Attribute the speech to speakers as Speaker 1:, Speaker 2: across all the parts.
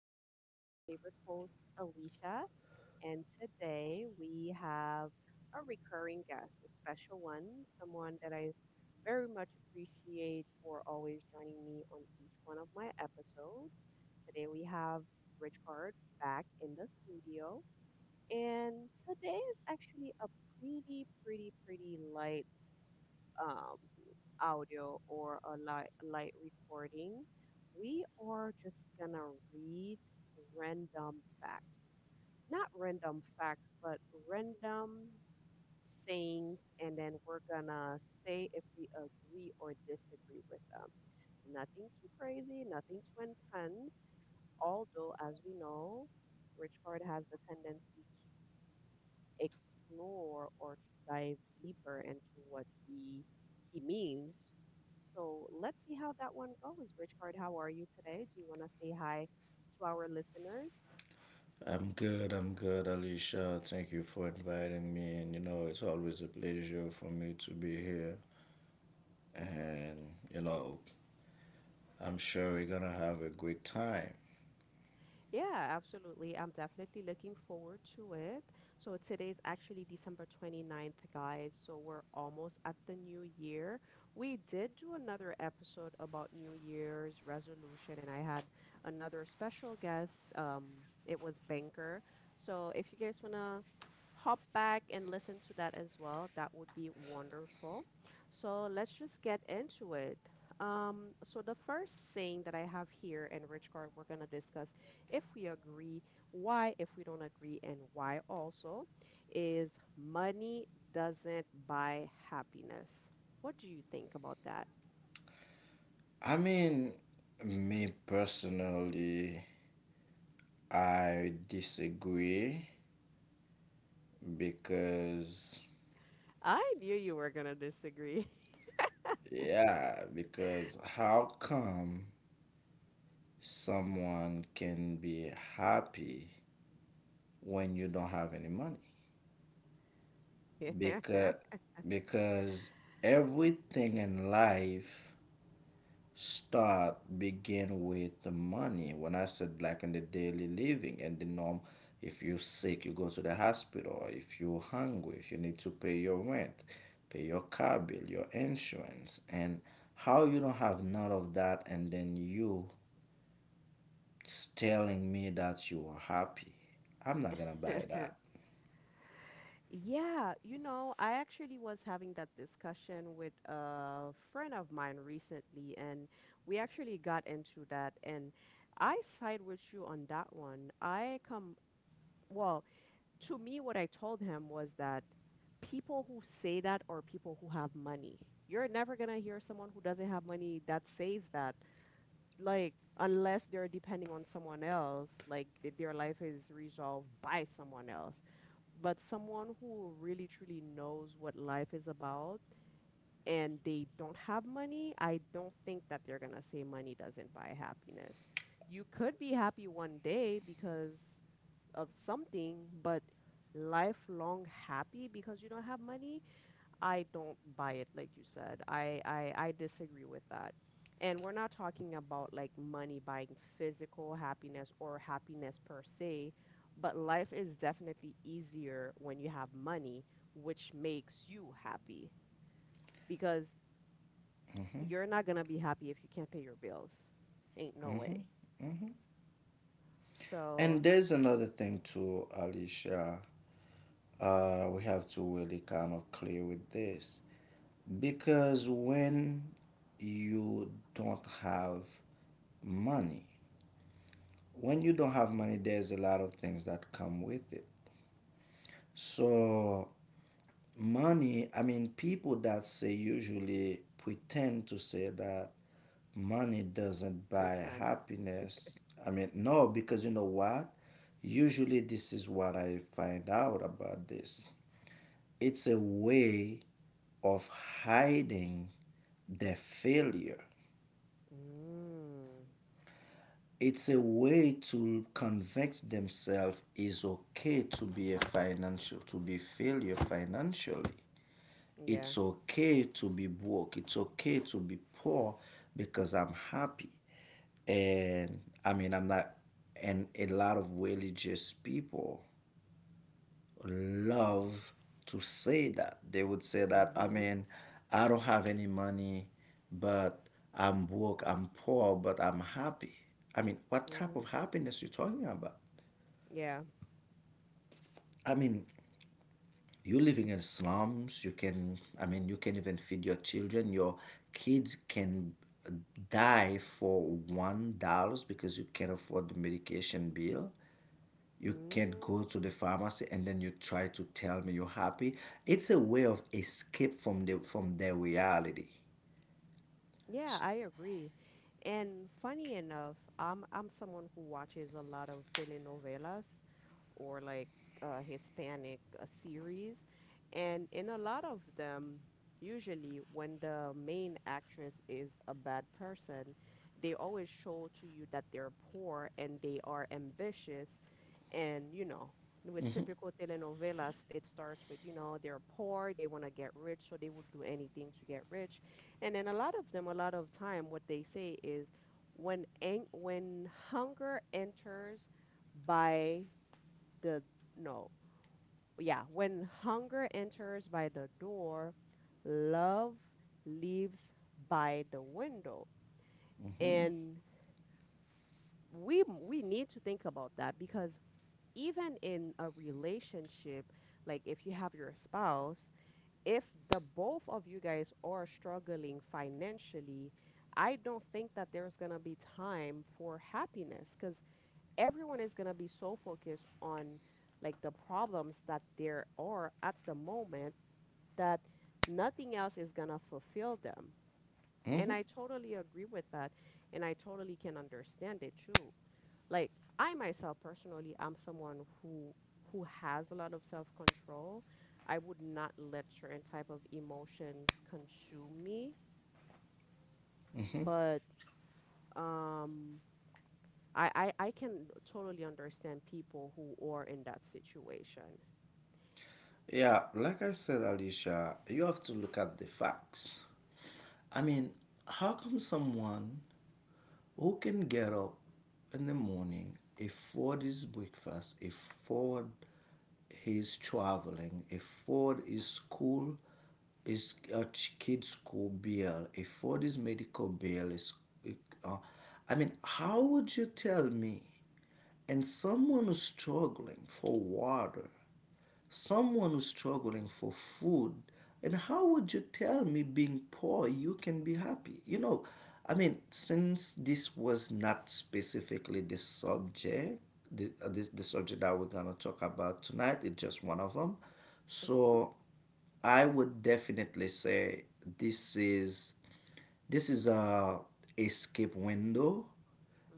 Speaker 1: episode. This is your favorite host, Alicia. And today we have a recurring guest, a special one, someone that I very much appreciate for always joining me on each one of my episodes. Today we have Rich Card back in the studio. And today is actually a pretty light um, audio or a light recording. We are just gonna read random facts. Not random facts, but random sayings, and then we're gonna say if we agree or disagree with them. Nothing too crazy, nothing too intense. Although, as we know, Rich Card has the tendency explore or to dive deeper into what he means. So let's see how that one goes. Rich Card, how are you today? Do you want to say hi to our listeners?
Speaker 2: I'm good, Alicia. Thank you for inviting me. And it's always a pleasure for me to be here. And I'm sure we're gonna have a great time.
Speaker 1: Yeah, absolutely. I'm definitely looking forward to it. So today's actually December 29th, guys. So we're almost at the new year. We did do another episode about New Year's resolution, and I had another special guest. It was Banker. So if you guys wanna hop back and listen to that as well, that would be wonderful. So let's just get into it. So the first saying that I have here in Rich Card, we're gonna discuss if we agree, why if we don't agree, and why also is money doesn't buy happiness. What do you think about that?
Speaker 2: I mean, me personally, I disagree because,
Speaker 1: I knew you were going to disagree.
Speaker 2: yeah, because how come someone can be happy when you don't have any money? because because everything in life start begin with the money when I said, like, in the daily living and the norm. If you're sick, you go to the hospital. If you're hungry, if you need to pay your rent, pay your car bill, your insurance, and how you don't have none of that, and then you telling me that you are happy, I'm not gonna buy that.
Speaker 1: Yeah, you know, I actually was having that discussion with a friend of mine recently, and we actually got into that. And I side with you on that one. I come, well, to me, what I told him was that people who say that are people who have money. You're never going to hear someone who doesn't have money that says that, like, unless they're depending on someone else, like their life is resolved by someone else. But someone who really truly knows what life is about and they don't have money, I don't think that they're going to say money doesn't buy happiness. You could be happy one day because of something, but lifelong happy because you don't have money, I don't buy it like you said. I disagree with that. And we're not talking about like money buying physical happiness or happiness per se, but life is definitely easier when you have money, which makes you happy because you're not gonna be happy if you can't pay your bills. Ain't no
Speaker 2: Hmm,
Speaker 1: way.
Speaker 2: hmm. And
Speaker 1: So
Speaker 2: there's another thing too, Alicia. We have to really kind of clear with this because when you don't have money, there's a lot of things that come with it. So, money, I mean, people that say usually pretend to say that money doesn't buy
Speaker 1: pretend.
Speaker 2: happiness. I mean, no, because you know what? Usually, this is what I find out about this. It's a way of hiding their failure.
Speaker 1: Mm,
Speaker 2: It's a way to convince themselves it's okay to be failure financially.
Speaker 1: yeah.
Speaker 2: It's okay to be broke. It's okay to be poor because I'm happy. And I mean I'm not, and a lot of religious people love to say that. They would say that, I
Speaker 1: Mm-hmm.
Speaker 2: mean, I don't have any money, but I'm broke, I'm poor, but I'm happy. I mean, what type
Speaker 1: Mhm.
Speaker 2: of happiness you talking about?
Speaker 1: Yeah.
Speaker 2: I mean, you are living in slums, you can, I mean, you can even feed your children. Your kids can die for $1 because you can't afford the medication bill. You can't
Speaker 1: Mhm.
Speaker 2: go to the pharmacy and then you try to tell me you're happy. It's a way of escape from the from their reality.
Speaker 1: Yeah, I agree. And funny enough, I'm someone who watches a lot of telenovelas or like Hispanic series, and in a lot of them, usually when the main actress is a bad person, they always show to you that they're poor and they are ambitious, and you know. With typical telenovelas, it starts with, you know, they're poor, they want to get rich, so they would do anything to get rich and then a lot of them, a lot of time, what they say is when when hunger enters by the no, yeah, when hunger enters by the door, love leaves by the window.
Speaker 2: Hmm.
Speaker 1: And we need to think about that because even in a relationship, like if you have your spouse, if the both of you guys are struggling financially, I don't think that there's going to be time for happiness because everyone is going to be so focused on like the problems that there are at the moment that nothing else is going to fulfill them. And I totally agree with that. And I totally can understand it too like I myself personally I am someone who has a lot of self-control. I would not let certain type of emotions consume me, but um I can totally understand people who are in that situation.
Speaker 2: Yeah, like I said, Alicia, you have to look at the facts. I mean, how come someone who can get up in the morning, afford his breakfast, afford his traveling, afford his school, his kid's school bill, afford his medical bill? Uh, I mean, how would you tell me, and someone who's struggling for water, someone who's struggling for food, and how would you tell me being poor you can be happy. I mean, since this was not specifically the subject, the subject that we're going to talk about tonight, it's just one of them. So I would definitely say this is this is a escape window,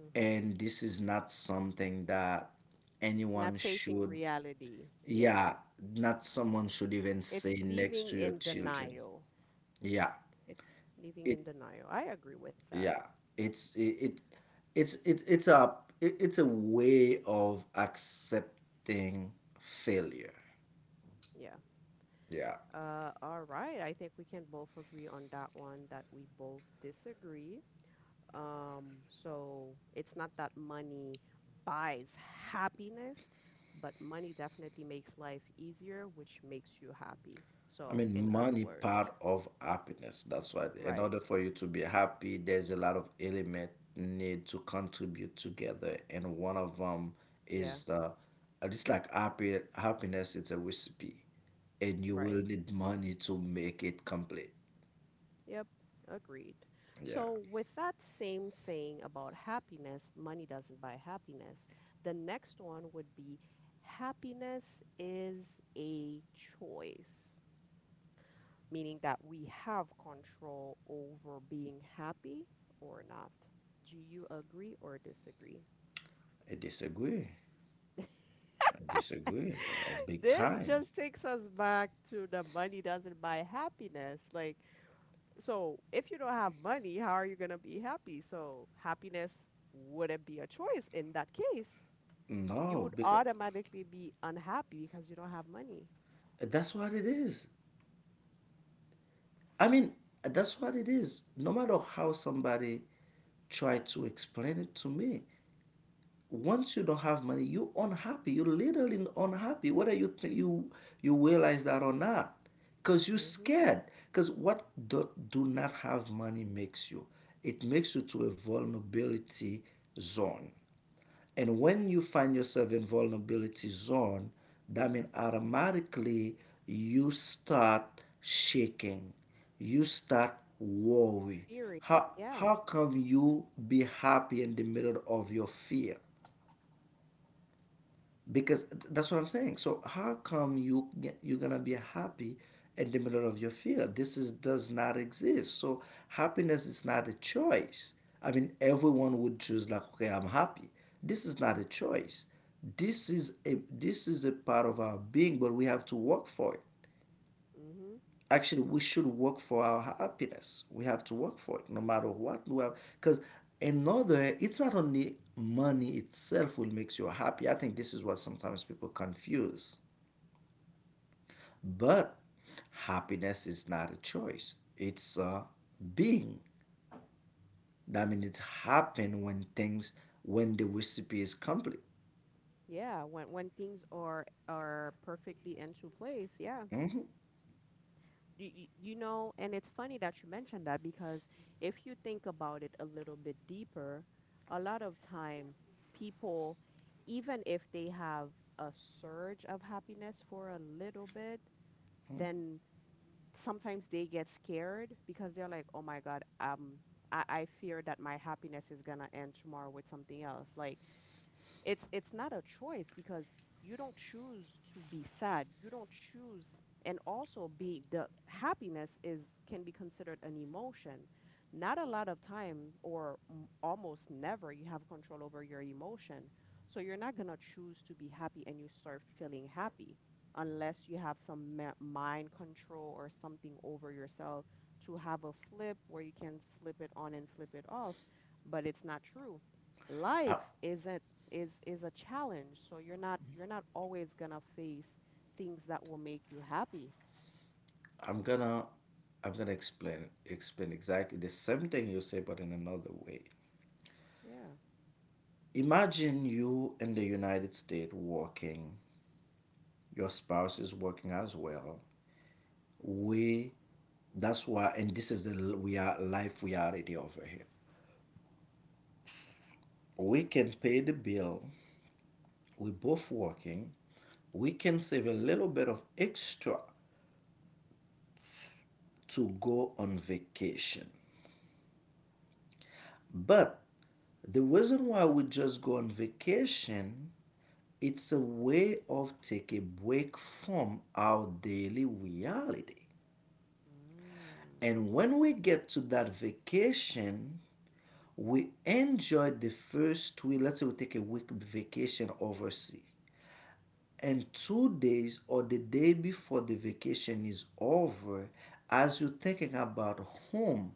Speaker 1: Mm-hmm.
Speaker 2: and this is not something that anyone
Speaker 1: Not facing
Speaker 2: should.
Speaker 1: reality. Yeah.
Speaker 2: Yeah, not someone should even
Speaker 1: It's
Speaker 2: say next
Speaker 1: living
Speaker 2: to your
Speaker 1: in
Speaker 2: children.
Speaker 1: denial.
Speaker 2: Yeah,
Speaker 1: It's living
Speaker 2: it.
Speaker 1: in denial. I agree with that.
Speaker 2: Yeah, it's it. it it's a way of accepting failure.
Speaker 1: Yeah.
Speaker 2: Yeah.
Speaker 1: All right. I think we can both agree on that one that we both disagree. So it's not that money buys happiness, but money definitely makes life easier, which makes you happy.
Speaker 2: I
Speaker 1: So,
Speaker 2: mean,
Speaker 1: in other
Speaker 2: money
Speaker 1: words,
Speaker 2: part of happiness. That's why, in
Speaker 1: right.
Speaker 2: order for you to be happy, there's a lot of element need to contribute together, and one of them
Speaker 1: Yeah,
Speaker 2: is the. It's like happy happiness. It's a recipe, and you will
Speaker 1: right.
Speaker 2: need money to make it complete.
Speaker 1: Yep, agreed.
Speaker 2: Yeah,
Speaker 1: So, with that same saying about happiness, money doesn't buy happiness, the next one would be happiness is a choice, meaning that we have control over being happy or not. Do you agree or disagree?
Speaker 2: I disagree. I disagree. Big
Speaker 1: This
Speaker 2: time.
Speaker 1: just takes us back to the money doesn't buy happiness. Like, so if you don't have money, how are you going to be happy? So happiness wouldn't be a choice in that case. You
Speaker 2: No,
Speaker 1: would
Speaker 2: because
Speaker 1: automatically be unhappy because you don't have money.
Speaker 2: that's what it is. I mean, that's what it is. No matter how somebody try to explain it to me, once you don't have money, you unhappy. You literally unhappy, whether you think you realize that or not. Cause you
Speaker 1: Mm-hmm.
Speaker 2: scared. Cause what do not have money makes you? It makes you to a vulnerability zone. And when you find yourself in vulnerability zone, that means automatically you start shaking. You start worry.
Speaker 1: Theory.
Speaker 2: How
Speaker 1: Yeah.
Speaker 2: how come you be happy in the middle of your fear? Because that's what I'm saying. So how come you're gonna be happy in the middle of your fear? This is does not exist. So happiness is not a choice. I mean, everyone would choose like, okay, I'm happy. This is not a choice. This is a, this is a part of our being, but we have to work for it.
Speaker 1: Mm-hmm.
Speaker 2: Actually, we should work for our happiness. We have to work for it no matter what we have, because another, it's not only money itself will makes you happy. I think this is what sometimes people confuse. But happiness is not a choice. It's a being. That means it's happen when things, when the recipe is complete.
Speaker 1: Yeah. When things are perfectly into place, yeah.
Speaker 2: Hmm.
Speaker 1: You know, and it's funny that you mentioned that because if you think about it a little bit deeper, a lot of time people, even if they have a surge of happiness for a little bit, then sometimes they get scared because they're like, oh my God, I fear that my happiness is gonna end tomorrow with something else. Like, it's not a choice because you don't choose to be sad, you don't choose, and also be the happiness is can be considered an emotion, not a lot of time or almost never you have control over your emotion, so you're not going to choose to be happy and you start feeling happy unless you have some mind control or something over yourself to have a flip where you can flip it on and flip it off, but it's not true.
Speaker 2: I,
Speaker 1: Life isn't is a challenge, so you're not always gonna face things that will make you happy,
Speaker 2: i'm gonna I'm gonna explain exactly the same thing you say but in another way.
Speaker 1: yeah.
Speaker 2: Imagine you in the United States working, your spouse is working as well. We, that's why, and this is the, we are life reality over here. We can pay the bill, we both working, we can save a little bit of extra to go on vacation. But the reason why we just go on vacation, it's a way of take a break from our daily reality.
Speaker 1: Mm.
Speaker 2: And when we get to that vacation, we enjoy the first week. Let's say we take a week vacation overseas, and 2 days or the day before the vacation is over, as you're thinking about home,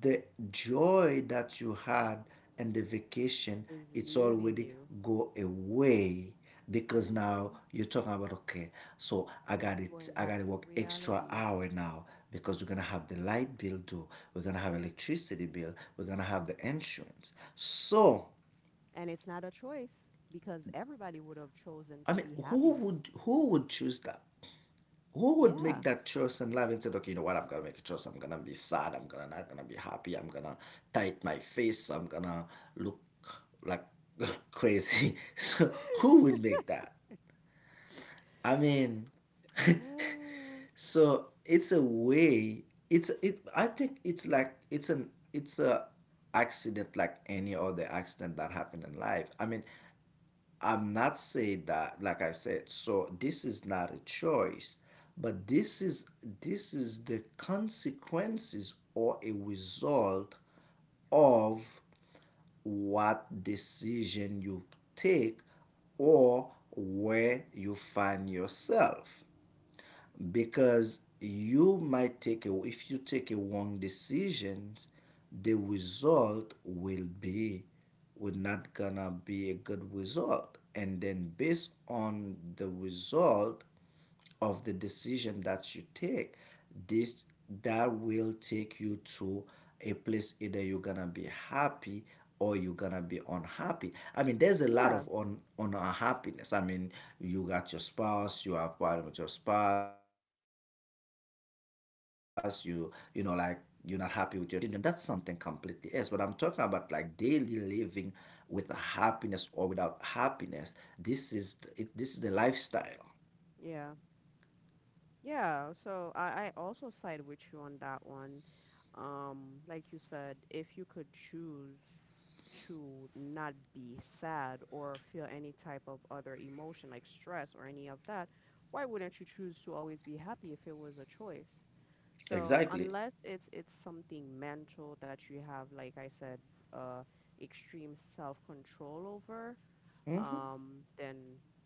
Speaker 2: the joy that you had and the vacation,
Speaker 1: Is
Speaker 2: it's
Speaker 1: leaving
Speaker 2: already
Speaker 1: you.
Speaker 2: go away because now
Speaker 1: Hmm.
Speaker 2: you're talking about, okay, so I got
Speaker 1: Going
Speaker 2: it, I
Speaker 1: back
Speaker 2: gotta
Speaker 1: to
Speaker 2: work extra
Speaker 1: reality
Speaker 2: hour now, because we're gonna have the light bill due, we're gonna have electricity bill, we're gonna have the insurance. So
Speaker 1: and it's not a choice because everybody would have chosen to
Speaker 2: I mean,
Speaker 1: be
Speaker 2: who
Speaker 1: happy.
Speaker 2: would who would choose that? Who would
Speaker 1: Yeah.
Speaker 2: make that choice in life and said, okay, you know what, I'm gonna make a choice. I'm gonna be sad. I'm gonna not gonna be happy. I'm gonna tight my face. I'm gonna look like crazy. So who would make that? I mean,
Speaker 1: Yeah.
Speaker 2: so it's a way. It's it. I think it's a accident like any other accident that happened in life. I mean, I'm not saying that, like I said, so this is not a choice, but this is the consequences or a result of what decision you take, or where you find yourself. Because you might take a if you take a wrong decisions, the result will not gonna be a good result. And then based on the result of the decision that you take, this that will take you to a place, either you're gonna be happy or you're gonna be unhappy. I mean, there's a lot
Speaker 1: Yeah.
Speaker 2: of unhappiness. I mean, you got your spouse, you have problem with your spouse, you know like, you're not happy with your children. That's something completely else. But I'm talking about, like, daily living, with happiness or without happiness, this is it, this is the lifestyle.
Speaker 1: Yeah. Yeah. So I also side with you on that one. Like you said, if you could choose to not be sad or feel any type of other emotion like stress or any of that, why wouldn't you choose to always be happy if it was a choice? So
Speaker 2: Exactly.
Speaker 1: unless it's it's something mental that you have, like I said, uh, extreme self-control over, then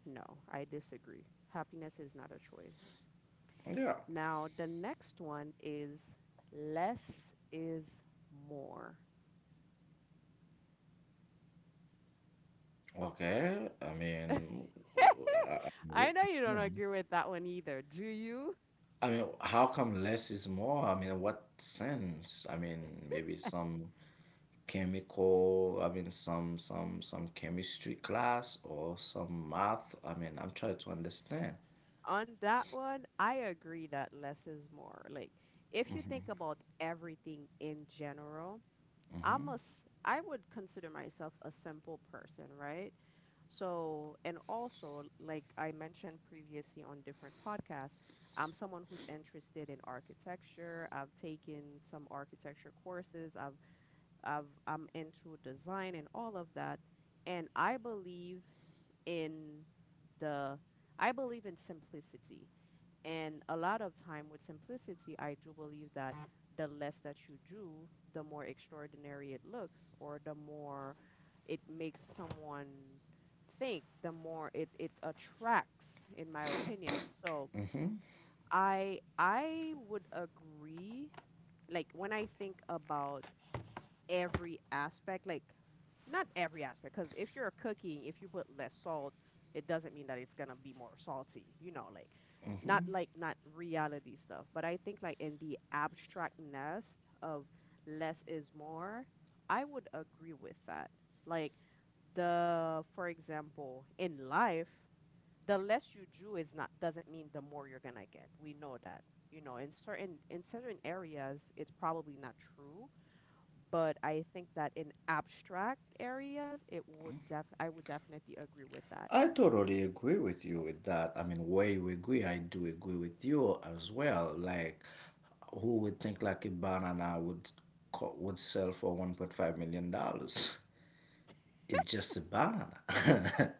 Speaker 1: no, I disagree. Happiness is not a choice.
Speaker 2: Yeah.
Speaker 1: Now, the next one is less is more.
Speaker 2: Okay, I mean, I I mean,
Speaker 1: I know you don't
Speaker 2: yeah.
Speaker 1: agree with that one either. Do you?
Speaker 2: I mean, how come less is more? I mean, what sense? I mean, maybe some chemical, I mean, some chemistry class or some math. I mean, I'm trying to understand.
Speaker 1: On that one, I agree that less is more. Like, if you think about everything in general, I would consider myself a simple person, right? So, and also, like I mentioned previously on different podcasts, I'm someone who's interested in architecture. I've taken some architecture courses. I'm into design and all of that. And in the I believe in simplicity. And a lot of time with simplicity, I do believe that the less that you do, the more extraordinary it looks, or the more it makes someone think, the more it attracts, in my opinion. So I would agree, like when I think about every aspect, like not every aspect, because if you're cooking, if you put less salt it doesn't mean that it's gonna be more salty, you know,
Speaker 2: Hmm.
Speaker 1: like not reality stuff, but I think like in the abstractness of less is more, I would agree with that. Like the, for example, in life the less you do is not doesn't mean the more you're gonna get. We know that, you know, in certain areas it's probably not true, but I think that in abstract areas, it would def I would definitely agree with that.
Speaker 2: I totally agree with you with that. I mean, where you agree, I do agree with you as well. Like, who would think like a banana would sell for $1.5 million? It's just a banana.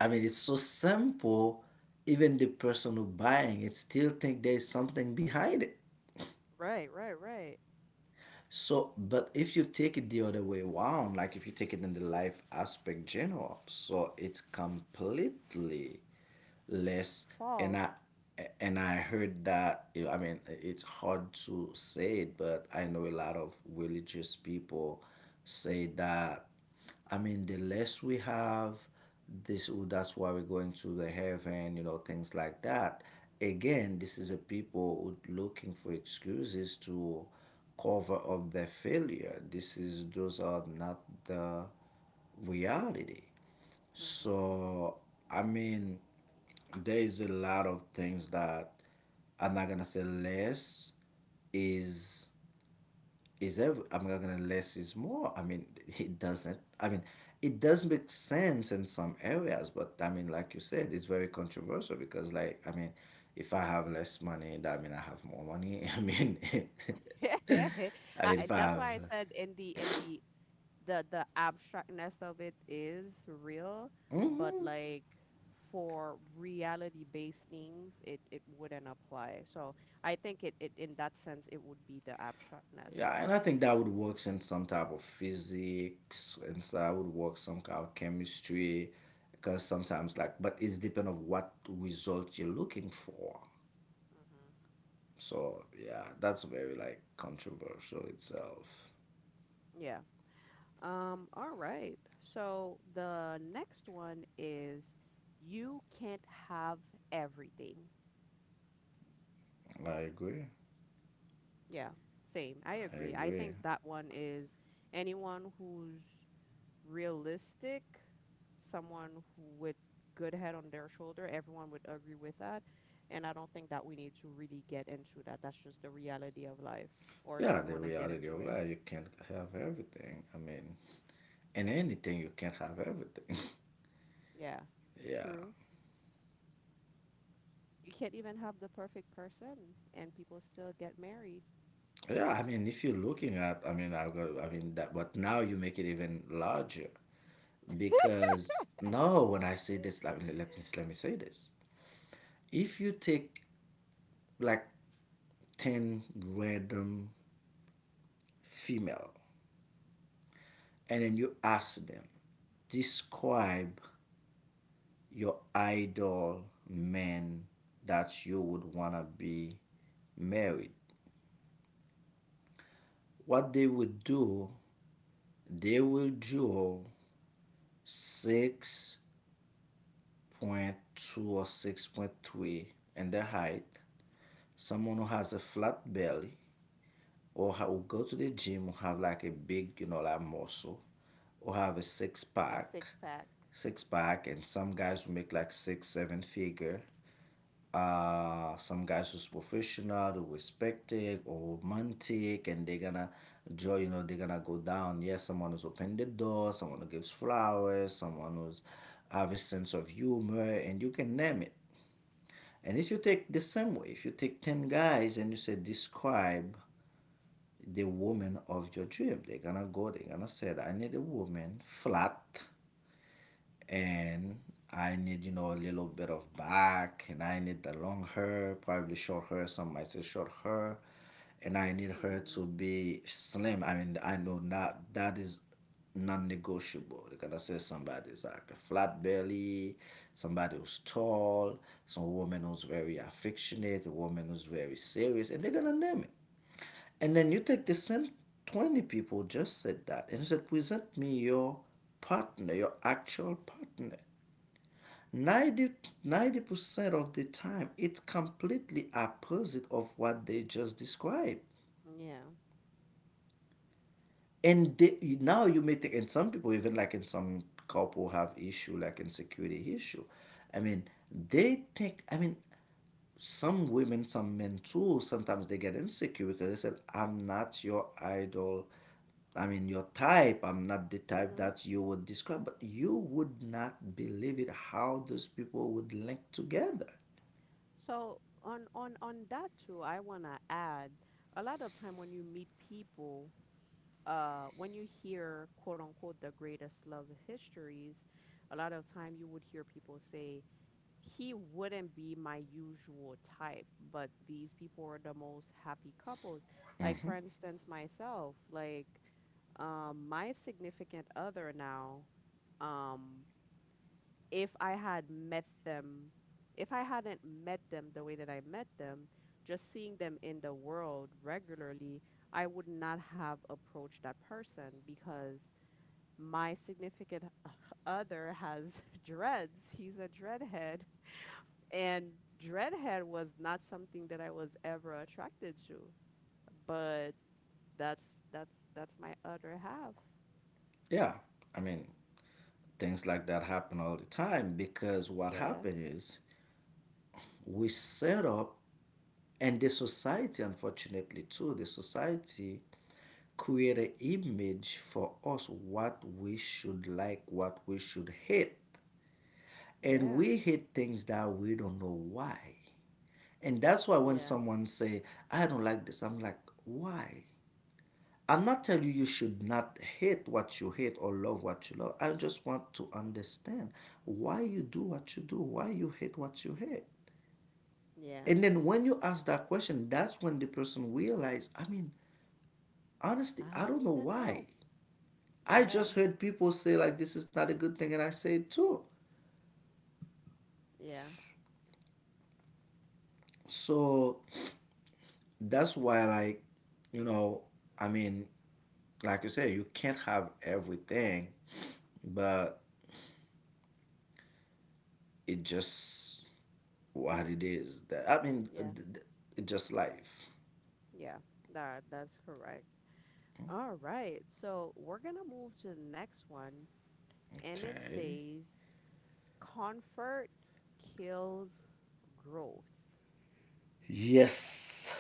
Speaker 2: I mean, it's so simple. Even the person who buying it still think there's something behind it.
Speaker 1: Right, right, right.
Speaker 2: So, but if you take it the other way around, like if you take it in the life aspect general, so it's completely less. And I
Speaker 1: False.
Speaker 2: and I heard that. I mean, it's hard to say it, but I know a lot of religious people say that, I mean, the less we have, this that's why we're going to the heaven, things like that. Again, this is a people who looking for excuses to cover up their failure. This is those are not the reality. So I mean, there is a lot of things that I'm not gonna say less is is ever, I'm not gonna less is more. I mean, it doesn't, I mean, it does make sense in some areas. But I mean, like you said, it's very controversial, because, like, I mean, if I have less money that mean I have more money. I mean,
Speaker 1: Mm-hmm.
Speaker 2: I mean, if I
Speaker 1: That's
Speaker 2: have
Speaker 1: why I said in the abstractness of it is real, but like for reality-based things, it wouldn't apply. So I think it it in that sense it would be the abstractness.
Speaker 2: yeah,
Speaker 1: So
Speaker 2: and I think that would work in some type of physics, and so that would work some kind of chemistry, because sometimes like, but it's depend of what result you're looking for.
Speaker 1: hmm
Speaker 2: So yeah, that's very like controversial itself.
Speaker 1: yeah. All right. So the next one is you can't have everything.
Speaker 2: I agree.
Speaker 1: Yeah, same. I
Speaker 2: I
Speaker 1: agree. I
Speaker 2: agree.
Speaker 1: think that one is anyone who's realistic, someone who with good head on their shoulder, everyone would agree with that. And I don't think that we need to really get into that. That's just the reality of life. Or do
Speaker 2: Yeah,
Speaker 1: you
Speaker 2: the
Speaker 1: want to get
Speaker 2: reality
Speaker 1: into
Speaker 2: of
Speaker 1: it?
Speaker 2: life, you can't have everything. I mean, in anything, you can't have everything.
Speaker 1: Yeah,
Speaker 2: yeah.
Speaker 1: true. You can't even have the perfect person and people still get married.
Speaker 2: Yeah, I mean, if you're looking at, I mean, I've got, I mean, that, but now you make it even larger because no, when I say this, let me say this. If you take like 10 random female and then you ask them, describe your idol man that you would want to be married. What they would do, they will draw 6.2 or 6.3 in the height. Someone who has a flat belly or who go to the gym who have like a big, like muscle or have a
Speaker 1: A six pack.
Speaker 2: six pack, and some guys who make like six, seven figure some guys who's professional, who respected or romantic, and they're gonna draw, they're gonna go down. Yes, someone who's opened the door, someone who gives flowers, someone who's have a sense of humor, and you can name it. And if you take the same way, if you take 10 guys and you say, describe the woman of your dream, they're gonna go, they're gonna say, I need a woman flat and I need, a little bit of back, and I need the long hair, probably short hair. Some might say short hair, and I need her to
Speaker 1: Hmm.
Speaker 2: be slim. I mean, I know that that is non-negotiable. Because I say somebody's like a flat belly, somebody who's tall, some woman who's very affectionate, a woman who's very serious, and they're gonna name it. And then you take the same 20 people just said that and said, present me your partner, your actual partner. 90% of the time it's completely opposite of what they just described,
Speaker 1: Yeah.
Speaker 2: and now you may think, and some people even like in some couple have issue like insecurity issue. I mean, they think. I mean, some women, some men too sometimes they get insecure because they said, I'm not your idol. I mean, your type. I'm not the type
Speaker 1: Hmm.
Speaker 2: that you would describe, but you would not believe it how those people would link together.
Speaker 1: So on that too, I wanna add a lot of time when you meet people, when you hear quote unquote the greatest love histories, a lot of time you would hear people say he wouldn't be my usual type, but these people are the most happy couples. Like
Speaker 2: Hmm.
Speaker 1: for instance, myself, like my significant other now. Um, if I had met them, if I hadn't met them the way that I met them, just seeing them in the world regularly, I would not have approached that person because my significant other has dreads. He's a dreadhead. And dreadhead was not something that I was ever attracted to. But that's my other half.
Speaker 2: Yeah, I mean, things like that happen all the time because what
Speaker 1: Yeah.
Speaker 2: happened is we set up, and the society, unfortunately, too, the society create an image for us what we should like, what we should hate.
Speaker 1: Yeah.
Speaker 2: And we hate things that we don't know why. And that's why when
Speaker 1: Yeah.
Speaker 2: someone say, I don't like this, I'm like, why? I'm not telling you you should not hate what you hate or love what you love. I just want to understand why you do what you do, why you hate what you hate.
Speaker 1: Yeah.
Speaker 2: And then when you ask that question, that's when the person realizes. I mean, honestly,
Speaker 1: I
Speaker 2: I
Speaker 1: don't
Speaker 2: don't know
Speaker 1: even know.
Speaker 2: why. I
Speaker 1: Yeah.
Speaker 2: just heard people say like this is not a good thing, and I say it too.
Speaker 1: Yeah,
Speaker 2: So that's why, like, you know, I mean, like you say, you can't have everything, but it just what it is that I mean,
Speaker 1: yeah,
Speaker 2: just life.
Speaker 1: yeah. That's correct. All right. So we're gonna move to the next one, and it
Speaker 2: Okay.
Speaker 1: says comfort kills growth.
Speaker 2: Yes,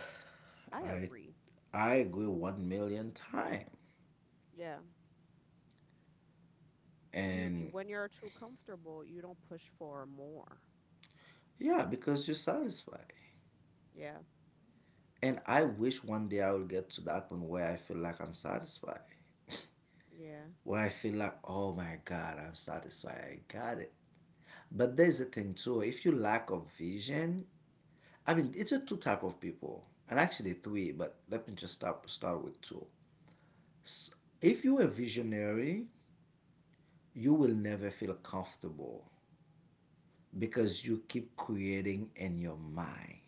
Speaker 1: I
Speaker 2: I
Speaker 1: agree.
Speaker 2: I agree 1 million time,
Speaker 1: Yeah. You,
Speaker 2: and
Speaker 1: when you're too comfortable, you don't push for more.
Speaker 2: yeah, because you're satisfied.
Speaker 1: Yeah.
Speaker 2: And I wish one day I will get to that point where I feel like I'm satisfied,
Speaker 1: Yeah.
Speaker 2: where I feel like, oh my God, I'm satisfied. I got it. But there's a thing too. If you lack of vision, I mean, it's a two type of people, and actually three. But let me just start with two. S- If you're a visionary, you will never feel comfortable because you keep creating in your mind.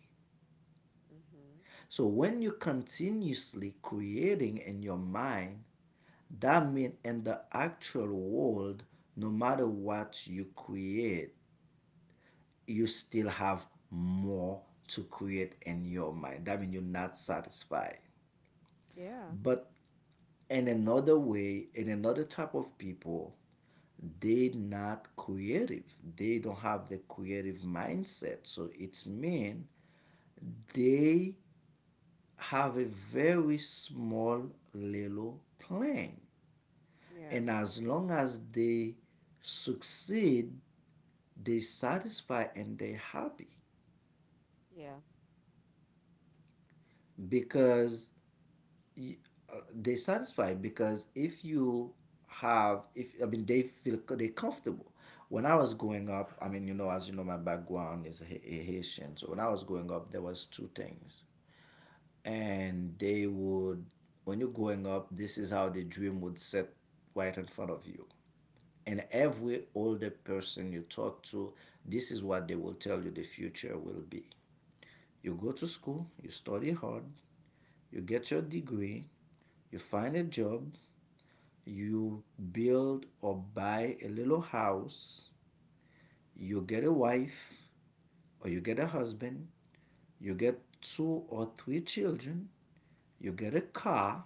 Speaker 1: Mhm.
Speaker 2: So when you continuously creating in your mind, that means in the actual world, no matter what you create, you still have more to create in your mind. That means you're not satisfied.
Speaker 1: Yeah.
Speaker 2: But in another way, in another type of people, they not creative. They don't have the creative mindset. So it's mean they have a very small little plan.
Speaker 1: Yeah.
Speaker 2: And as long as they succeed, they satisfy and they happy
Speaker 1: Yeah.
Speaker 2: because y- they satisfy because if you have if I mean they feel they comfortable. When I was growing up, I mean, as you know my background is haitian. So when I was growing up there was two things, and they would when you're growing up, this is how the dream would set right in front of you. And every older person you talk to, this is what they will tell you the future will be. You go to school, you study hard, you get your degree, you find a job, you build or buy a little house, you get a wife or you get a husband, you get two or three children, you get a car,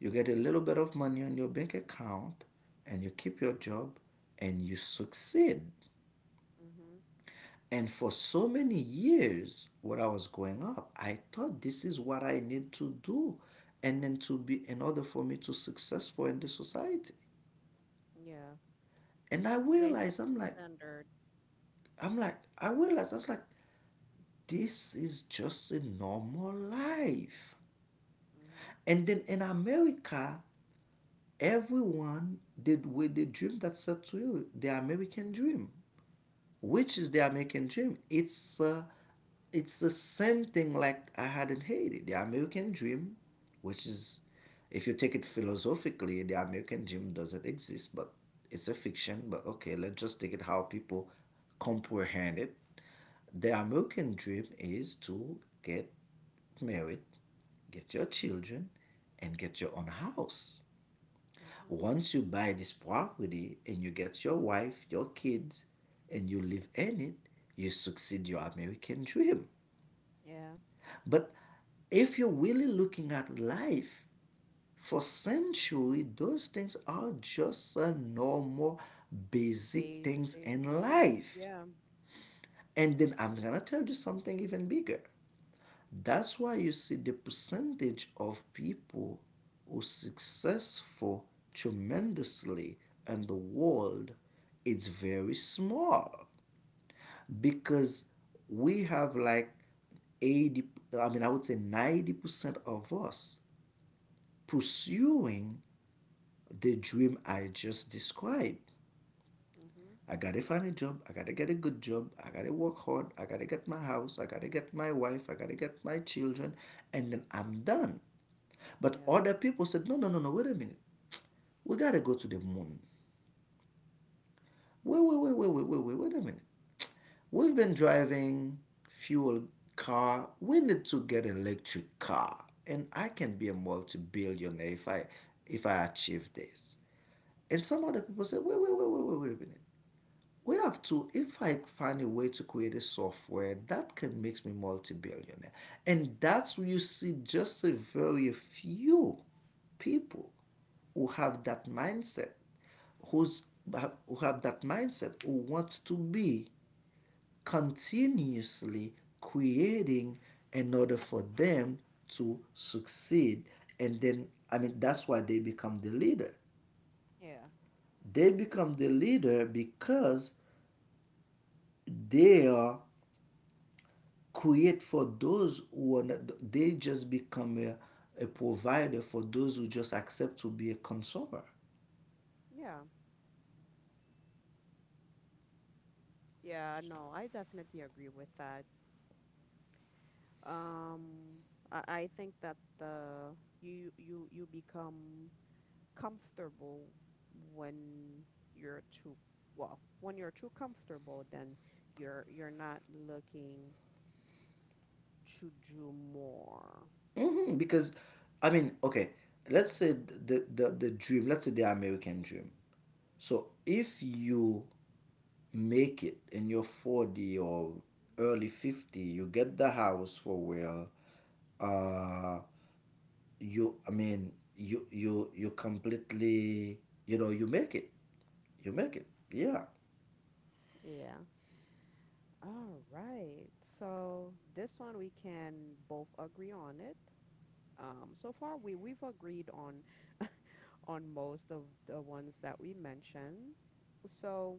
Speaker 2: you get a little bit of money on your bank account, and you keep your job, and you succeed.
Speaker 1: Mhm.
Speaker 2: And for so many years, when I was growing up, I thought this is what I need to do, and then to be in order for me to successful in the society.
Speaker 1: Yeah.
Speaker 2: And I
Speaker 1: They set
Speaker 2: realized, I'm like,
Speaker 1: standard.
Speaker 2: I'm like, I realized, I was like, this is just a normal life.
Speaker 1: Mhm.
Speaker 2: And then in America, everyone did with the dream that's set to you, the American dream. Which is the American dream? It's the same thing like I had in Haiti. The American dream, which is, if you take it philosophically, the American dream doesn't exist, but it's a fiction. But okay, let's just take it how people comprehend it. The American dream is to get married, get your children, and get your own house.
Speaker 1: Mhm.
Speaker 2: Once you buy this property and you get your wife, your kids, and you live in it, you succeed your American dream.
Speaker 1: Yeah.
Speaker 2: But if you're really looking at life for centuries, those things are just a normal, basic things
Speaker 1: Basic
Speaker 2: in
Speaker 1: needs.
Speaker 2: life.
Speaker 1: Yeah.
Speaker 2: And then I'm gonna tell you something even bigger. That's why you see the percentage of people who are successful tremendously in the world is very small because we have like 80, I mean, I would say 90% of us pursuing the dream I just described.
Speaker 1: Mhm.
Speaker 2: I gotta find a job. I gotta get a good job. I gotta work hard. I gotta get my house. I gotta get my wife. I gotta get my children. And then I'm done. But
Speaker 1: Yeah.
Speaker 2: other people said, no, no, no, no, wait a minute. We gotta go to the moon. Wait, wait, wait, wait, wait, wait, wait, wait a minute. We've been driving fuel car. We need to get an electric car. And I can be a multi-billionaire if I achieve this. And some other people said, wait, wait, wait, wait, wait, wait a minute. We have to. If I find a way to create a software that can make me multi-billionaire, and that's where you see just a very few people who have that mindset, who's who have that mindset, who want to be continuously creating in order for them to succeed, and then I mean that's why they become the leader.
Speaker 1: Yeah.
Speaker 2: They
Speaker 1: Y-
Speaker 2: become the leader because they are create for those who are not, they just become a provider for those who just accept to be a consumer.
Speaker 1: Yeah. Yeah, no, I definitely agree with that. Um, I think that the you you you become comfortable when you're too well, when you're too comfortable, then you're not looking to do more.
Speaker 2: Because, I mean, okay, let's say the dream, let's say the American dream. So if you make it in your 40 or early 50, you get the house for where uh, you, I mean, you completely, you make it. You make it. Yeah.
Speaker 1: Yeah. All right. So this one we can both agree on it. So far we've agreed on most of the ones that we mentioned. So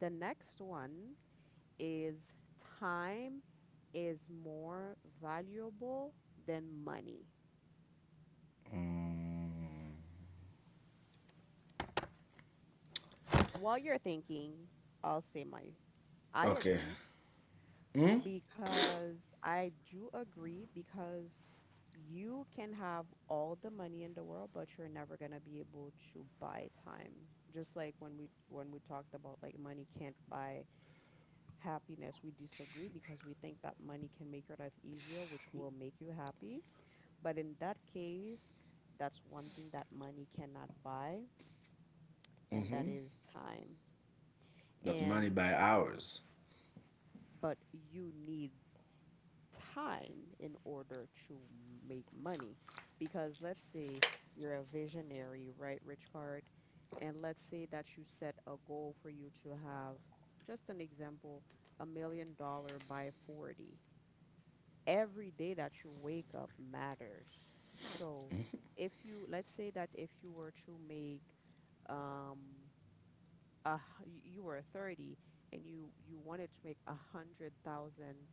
Speaker 1: the next one is time is more valuable than money. While you're thinking, I'll say my I
Speaker 2: Okay,
Speaker 1: agree because I do agree because you can have all the money in the world, but you're never gonna be able to buy time. Just like when we talked about like money can't buy happiness, we disagree because we think that money can make your life easier, which will make you happy. But in that case, that's one thing that money cannot buy, and that is time.
Speaker 2: that money
Speaker 1: And
Speaker 2: by hours.
Speaker 1: but you need time in order to make money. Because let's say you're a visionary, right, Rich? And let's say that you set a goal for you to have, just an example, a million dollars by 40. Every day that you wake up matters. So if you, let's say that if you were to make um uh you were 30 and you wanted to make a hundred thousand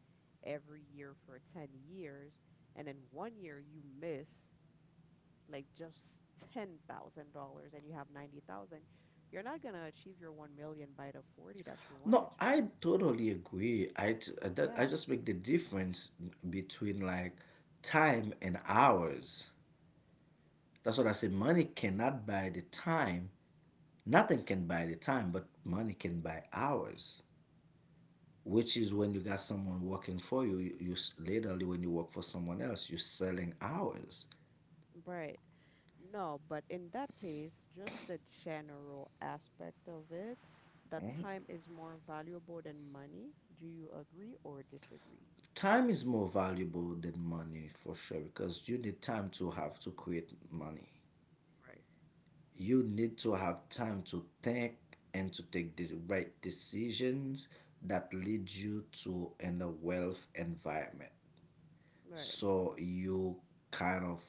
Speaker 1: every year for 10 years and then one year you miss like just $10,000 and you have 90,000. You're not gonna achieve your 1 million by the 40 that you wanted
Speaker 2: No,
Speaker 1: to.
Speaker 2: I totally agree. I, t- I that-
Speaker 1: Yeah.
Speaker 2: I just make the difference between like time and hours. That's what I say. Money cannot buy the time. Nothing can buy the time, but money can buy hours. Which is when you got someone working for you. Literally, when you work for someone else, you're selling hours.
Speaker 1: Right. No, but in that case, just the general aspect of it, that time is more valuable than money. Do you agree or disagree?
Speaker 2: Time is more valuable than money for sure because you need time to have to create money.
Speaker 1: Right.
Speaker 2: You need to have time to think and to take the right decisions that lead you to in a wealth environment.
Speaker 1: Right.
Speaker 2: So you kind of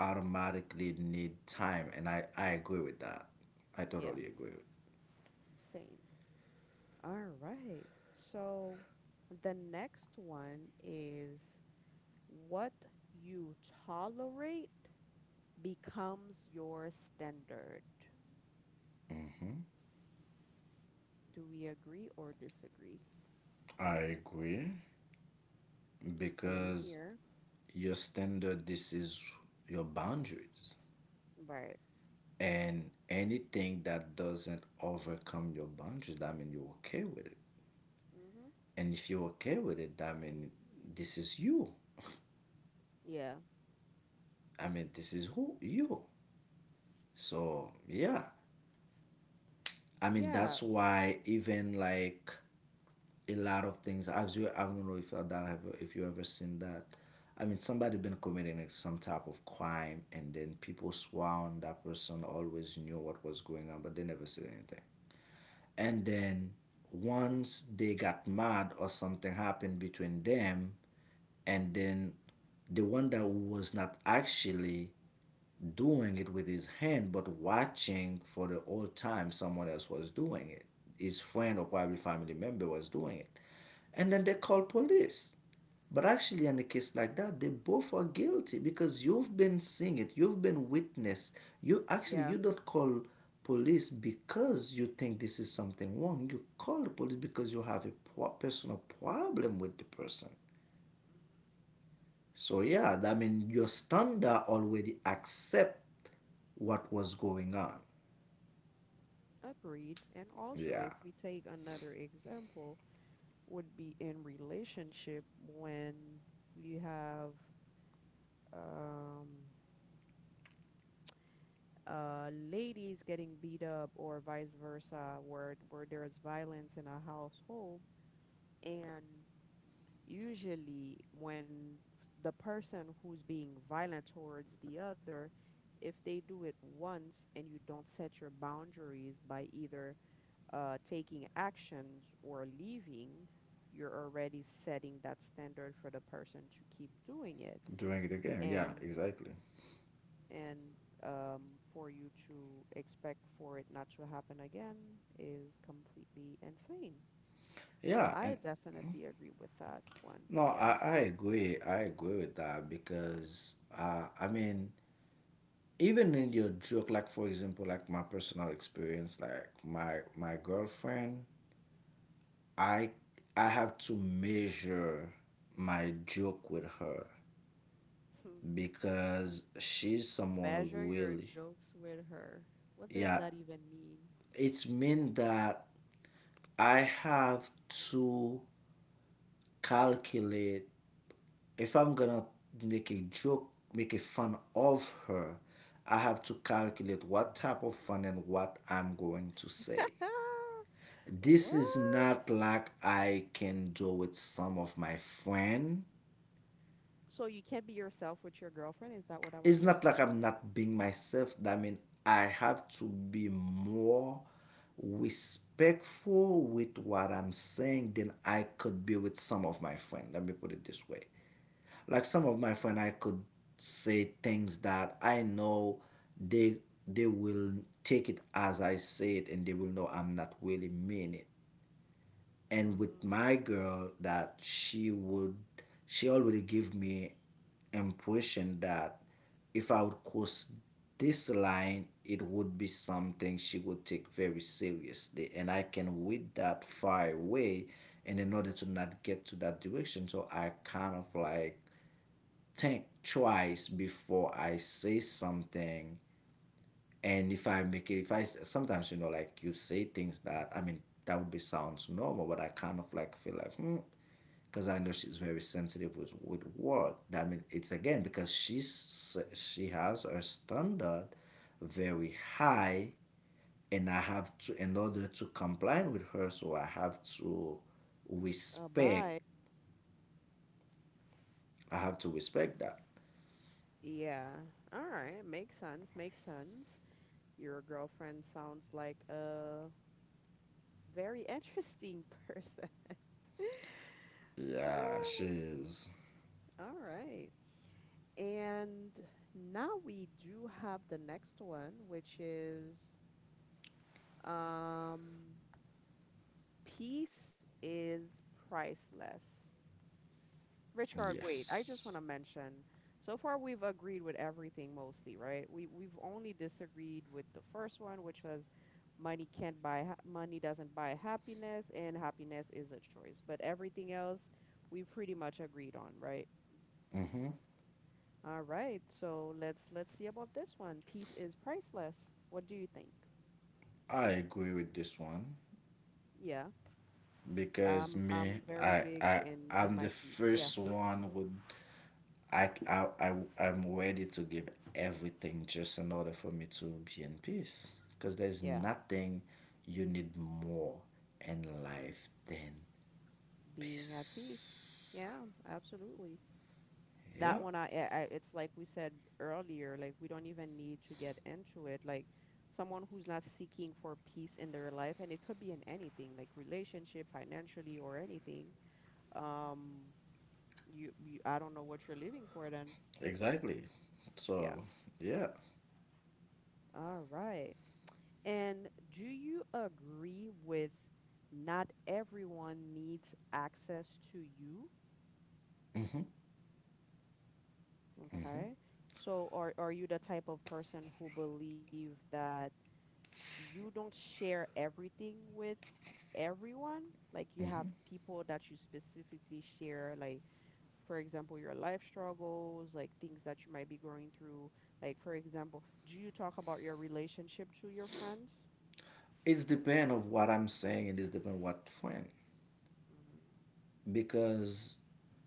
Speaker 2: automatically need time, and I agree with that. I
Speaker 1: Yeah,
Speaker 2: totally agree. With
Speaker 1: same. All right. So the next one is what you tolerate becomes your standard.
Speaker 2: hmm
Speaker 1: Do we agree or disagree?
Speaker 2: I agree
Speaker 1: Same
Speaker 2: because
Speaker 1: here.
Speaker 2: your standard, this is your boundaries,
Speaker 1: Right.
Speaker 2: and anything that doesn't overcome your boundaries, I mean, you're okay with it.
Speaker 1: Mm-hmm.
Speaker 2: And if you're okay with it, I mean, this is you.
Speaker 1: Yeah.
Speaker 2: I mean, this is who you, so yeah, I mean,
Speaker 1: Yeah.
Speaker 2: that's why even like a lot of things, as you, I don't know if that have, if you ever seen that, I mean, somebody been committing some type of crime and then people sworn that person always knew what was going on but they never said anything. And then once they got mad or something happened between them, and then the one that was not actually doing it with his hand, but watching for the whole time someone else was doing it. His friend or probably family member was doing it. And then they call police. But actually, in a case like that, they both are guilty because you've been seeing it, you've been witness. You actually
Speaker 1: Yeah,
Speaker 2: you don't call police because you think this is something wrong. You call the police because you have a personal problem with the person. So yeah, I mean your standard already accept what was going on.
Speaker 1: agreed. And also,
Speaker 2: Yeah,
Speaker 1: if we take another example, would be in relationship when you have um, ladies getting beat up or vice versa, where there is violence in a household, and usually when s- the person who's being violent towards the other, if they do it once and you don't set your boundaries by either taking actions or leaving, you're already setting that standard for the person to keep doing it
Speaker 2: during the game.
Speaker 1: and
Speaker 2: Yeah, exactly.
Speaker 1: and um, for you to expect for it not to happen again is completely insane. So
Speaker 2: Yeah,
Speaker 1: I
Speaker 2: and
Speaker 1: definitely agree with that one.
Speaker 2: no,
Speaker 1: Yeah.
Speaker 2: I agree. I agree with that because I mean, even in your joke, like for example, like my personal experience, like my girlfriend, I I have to measure my joke with her because she's someone who's
Speaker 1: Measure your
Speaker 2: really
Speaker 1: jokes with her. What does
Speaker 2: yeah.
Speaker 1: that even mean?
Speaker 2: It's mean that I have to calculate if I'm gonna make a joke, make a fun of her, I have to calculate what type of fun and what I'm going to say. This is
Speaker 1: What?
Speaker 2: not like I can do with some of my friend.
Speaker 1: So you can't be yourself with your girlfriend? Is that what I'm
Speaker 2: It's not like
Speaker 1: understanding?
Speaker 2: I'm not being myself. I mean, I have to be more respectful with what I'm saying than I could be with some of my friend. Let me put it this way. Like some of my friend, I could say things that I know they they will take it as I say it, and they will know I'm not really mean it. And with
Speaker 1: Hmm.
Speaker 2: my girl, that she would, she already give me impression that if I would cross this line, it would be something she would take very seriously. And I can read that far away. And in order to not get to that direction, so I kind of like think twice before I say something. And if I make it, if I sometimes, you know, like you say things that, I mean, that would be sounds normal, but I kind of like feel like, hmm, because I know she's very sensitive with word. I mean, it's again because she has her standard very high, and I have to, in order to comply with her, so I have to
Speaker 1: A
Speaker 2: respect,
Speaker 1: bite.
Speaker 2: I have to respect that.
Speaker 1: Yeah. All right. Makes sense. Makes sense. Your girlfriend sounds like a very interesting person. Ah,
Speaker 2: Yeah, she's,
Speaker 1: all right. And now we do have the next one, which is um, peace is priceless. Richard, wait, I
Speaker 2: yes.
Speaker 1: just want to mention, so far we've agreed with everything mostly, right? We've only disagreed with the first one, which was money doesn't buy happiness and happiness is a choice. But everything else we pretty much agreed on, right?
Speaker 2: Mm-hmm.
Speaker 1: All right. So let's see about this one. Peace is priceless. What do you think?
Speaker 2: I agree with this one
Speaker 1: Yeah.
Speaker 2: because
Speaker 1: I'm
Speaker 2: me,
Speaker 1: very big in
Speaker 2: I'm
Speaker 1: my
Speaker 2: the
Speaker 1: peace. Yeah.
Speaker 2: first one with I, I, I, I'm ready to give everything just in order for me to be in peace. Because there's
Speaker 1: Yeah.
Speaker 2: nothing you need more in life than
Speaker 1: Being at peace.
Speaker 2: peace.
Speaker 1: Yeah, absolutely.
Speaker 2: Yeah,
Speaker 1: That one, it's like we said earlier, like we don't even need to get into it. Like someone who's not seeking for peace in their life, and it could be in anything, like relationship, financially, or anything. Um, I don't know what you're living for then.
Speaker 2: exactly.
Speaker 1: Yeah.
Speaker 2: So, yeah.
Speaker 1: All right. And do you agree with not everyone needs access to you?
Speaker 2: Mm-hmm. Mm-hmm.
Speaker 1: Okay. So are you the type of person who believe that you don't share everything with everyone? Like you
Speaker 2: Mm-hmm.
Speaker 1: have people that you specifically share, like for example, your life struggles, like things that you might be going through. Like for example, do you talk about your relationship to your friends?
Speaker 2: It's depend of what I'm saying. And it is depend what friend.
Speaker 1: Hmm.
Speaker 2: Because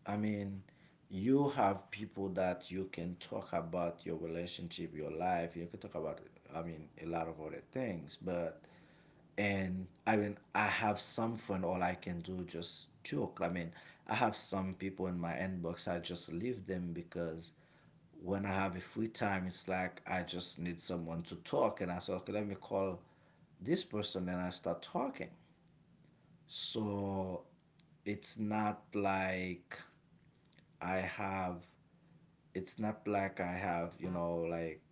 Speaker 2: I mean, you have people that you can talk about your relationship, your life. You can talk about, I mean, a lot of other things. But and I mean, I have some fun. All I can do just joke. I mean, I have some people in my inbox. I just leave them because when I have a free time, it's like I just need someone to talk, and I say, okay, let me call this person, and I start talking. So it's not like I have, it's not like I have, you know, like,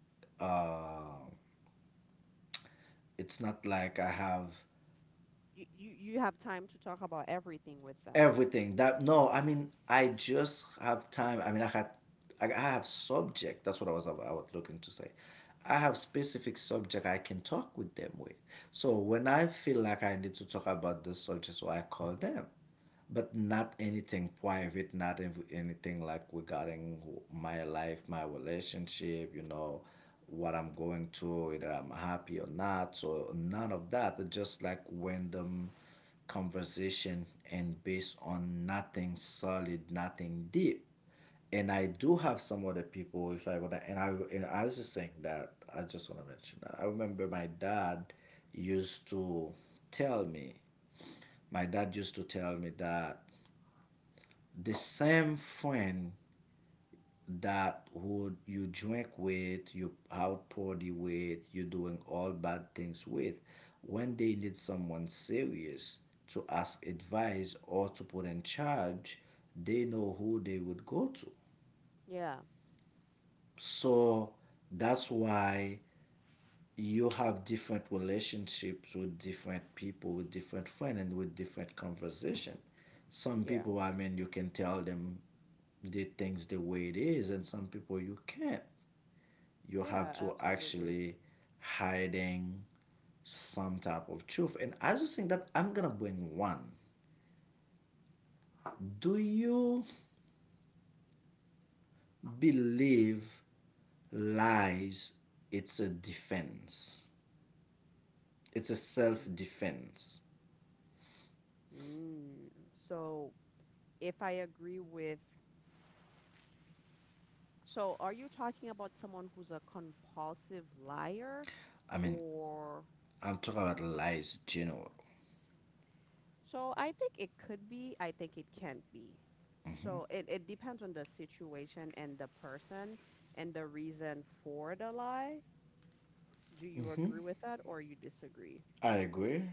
Speaker 2: uh, it's not like I have
Speaker 1: You have time to talk about everything with them.
Speaker 2: everything that, no, I mean, I just have time. I mean, I had, I have subject. That's what I was looking to say. I have specific subject I can talk with them with. So when I feel like I need to talk about this subject, so I call them. But not anything private, not ev- anything like regarding my life, my relationship, you know, what I'm going through, whether I'm happy or not. So none of that. It's just like random conversation and based on nothing solid, nothing deep. And I do have some other people if I want and I was just saying that I just wanna mention that. I remember used to tell me my dad used to tell me that the same friend that would you drink with, you out party with, you doing all bad things with, when they need someone serious to ask advice or to put in charge, they know who they would go to.
Speaker 1: Yeah.
Speaker 2: So that's why you have different relationships with different people, with different friends, and with different conversation. Some
Speaker 1: Yeah.
Speaker 2: people, I mean, you can tell them the things the way it is, and some people you can't. You have
Speaker 1: Yeah,
Speaker 2: to
Speaker 1: absolutely.
Speaker 2: actually hiding some type of truth. And I just think that I'm gonna bring one. Do you believe lies? It's a defense. It's a self defense.
Speaker 1: Mm. So if I agree with, so are you talking about someone who's a compulsive liar?
Speaker 2: I mean,
Speaker 1: Or
Speaker 2: I'm talking about lies in general.
Speaker 1: so I think it could be, I think it can't be. So it depends on the situation and the person and the reason for the lie. Do you agree with that or you disagree?
Speaker 2: I agree.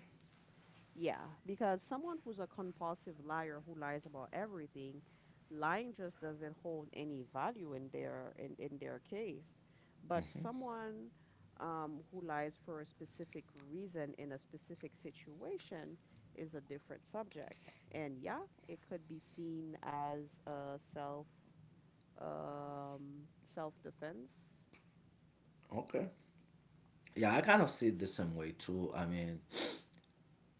Speaker 1: Yeah, because someone who's a compulsive liar who lies about everything, lying just doesn't hold any value in their in their case. But someone who lies for a specific reason in a specific situation is a different subject. And yeah, it could be seen as a self um, self defense.
Speaker 2: Okay. Yeah, I kind of see it the same way too. I mean,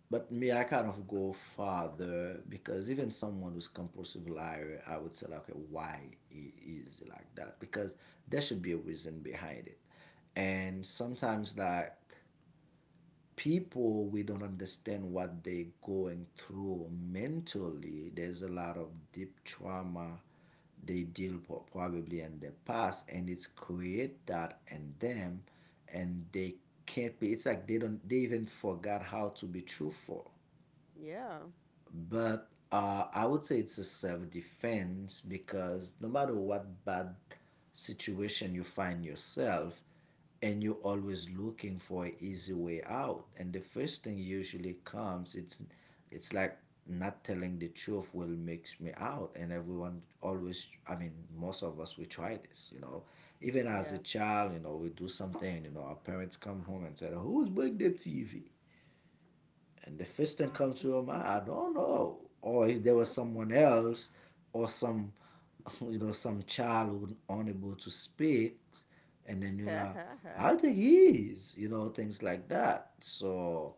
Speaker 2: but me, I kind of go farther because even someone who's compulsive liar, I would say like, okay, why he is like that? Because there should be a reason behind it, and sometimes like people we don't understand what they are going through mentally there's a lot of deep trauma they deal po- probably in the past and it's create that in them and they can't be it's like they don't they even forgot how to be truthful
Speaker 1: Yeah,
Speaker 2: but I would say it's a self defense because no matter what bad situation you find yourself, and you're always looking for an easy way out. And the first thing usually comes, it's like not telling the truth will makes me out. And everyone always, I mean, most of us we try this, you know. Even as a
Speaker 1: yeah,
Speaker 2: child, you know, we do something, you know, our parents come home and said, "Who's break the TV?" And the first thing comes to your mind, I don't know. Or if there was someone else or some you know, some child who unable to speak and then you're like, I think he is, you know, things like that. So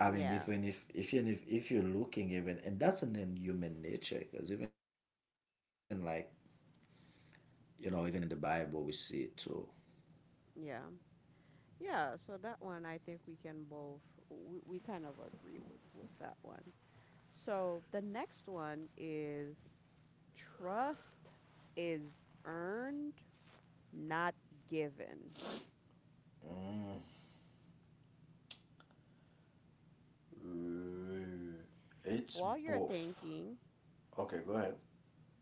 Speaker 2: I mean
Speaker 1: yeah,
Speaker 2: even if you're looking even and that's an in human nature because even like you know, even in the Bible we see it too.
Speaker 1: yeah. Yeah, so that one I think we can both we kind of agree with that one. So the next one is trust is earned, not given.
Speaker 2: Uh, It's
Speaker 1: While you're
Speaker 2: both.
Speaker 1: thinking,
Speaker 2: Okay, go ahead.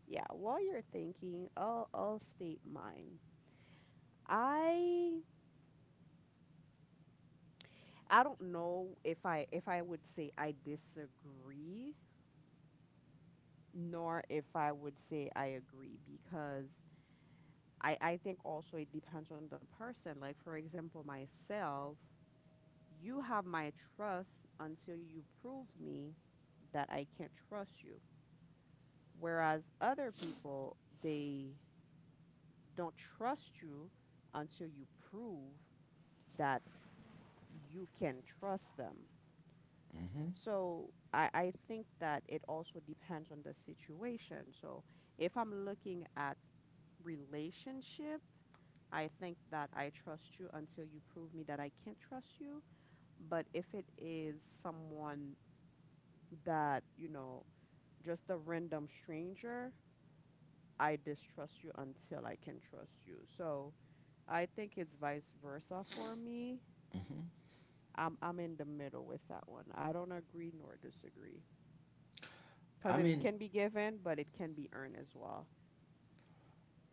Speaker 1: yeah, while you're thinking, I'll state mine. I I don't know if I would say I disagree nor if I would say I agree because I think also it depends on the person. Like, for example, myself, you have my trust until you prove me that I can't trust you. Whereas other people, they don't trust you until you prove that you can trust them. So I think that it also depends on the situation. So if I'm looking at relationship, I think that I trust you until you prove me that I can't trust you. But if it is someone that, you know, just a random stranger, I distrust you until I can trust you. So I think it's vice versa for me. I'm in the middle with that one. I don't agree nor disagree.
Speaker 2: I
Speaker 1: Because it
Speaker 2: mean,
Speaker 1: can be given, but it can be earned as well.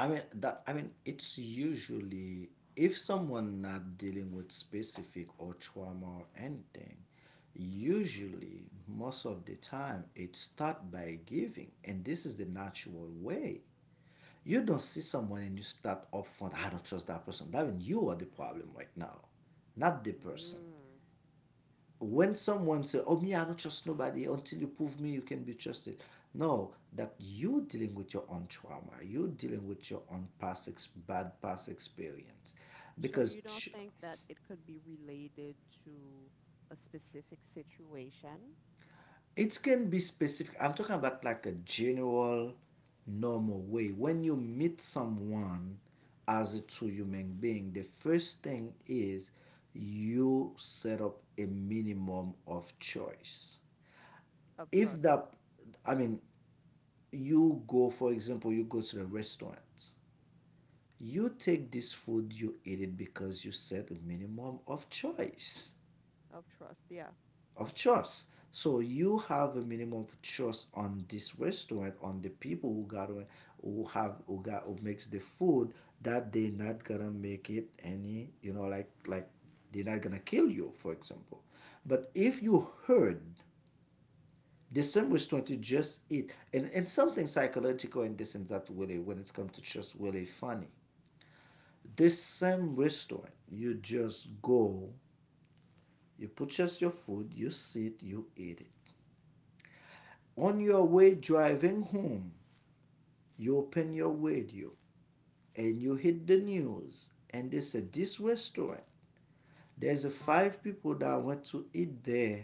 Speaker 2: I mean it's usually if someone not dealing with specific or trauma or anything, usually most of the time it start by giving and this is the natural way. You don't see someone and you start upfront, I don't trust that person. That means you are the problem right now, not the person
Speaker 1: Mm.
Speaker 2: when someone say, "Oh, me, I don't trust nobody until you prove me you can be trusted," no, that you dealing with your own trauma, you dealing with your own past ex- bad past experience,
Speaker 1: So
Speaker 2: because
Speaker 1: you don't think that it could be related to a specific situation?
Speaker 2: it can be specific. I'm talking about like a general, normal way. When you meet someone as a true human being, the first thing is you set up a minimum of choice.
Speaker 1: Of
Speaker 2: If
Speaker 1: trust.
Speaker 2: that I mean, you go, for example, you go to the restaurant. You take this food, you eat it because you set a minimum of choice,
Speaker 1: Of trust. Yeah.
Speaker 2: of choice. So you have a minimum of choice on this restaurant, on the people who got on- who have who got who makes the food that they not gonna make it any, you know, like they're not gonna kill you, for example. But if you heard there's some which want to just eat. And something psychological in this and that really when it comes to just really funny. This same restaurant, you just go, you purchase your food, you sit, you eat it. On your way driving home, you open your radio and you hit the news and they said this restaurant, there's a five people that went to eat there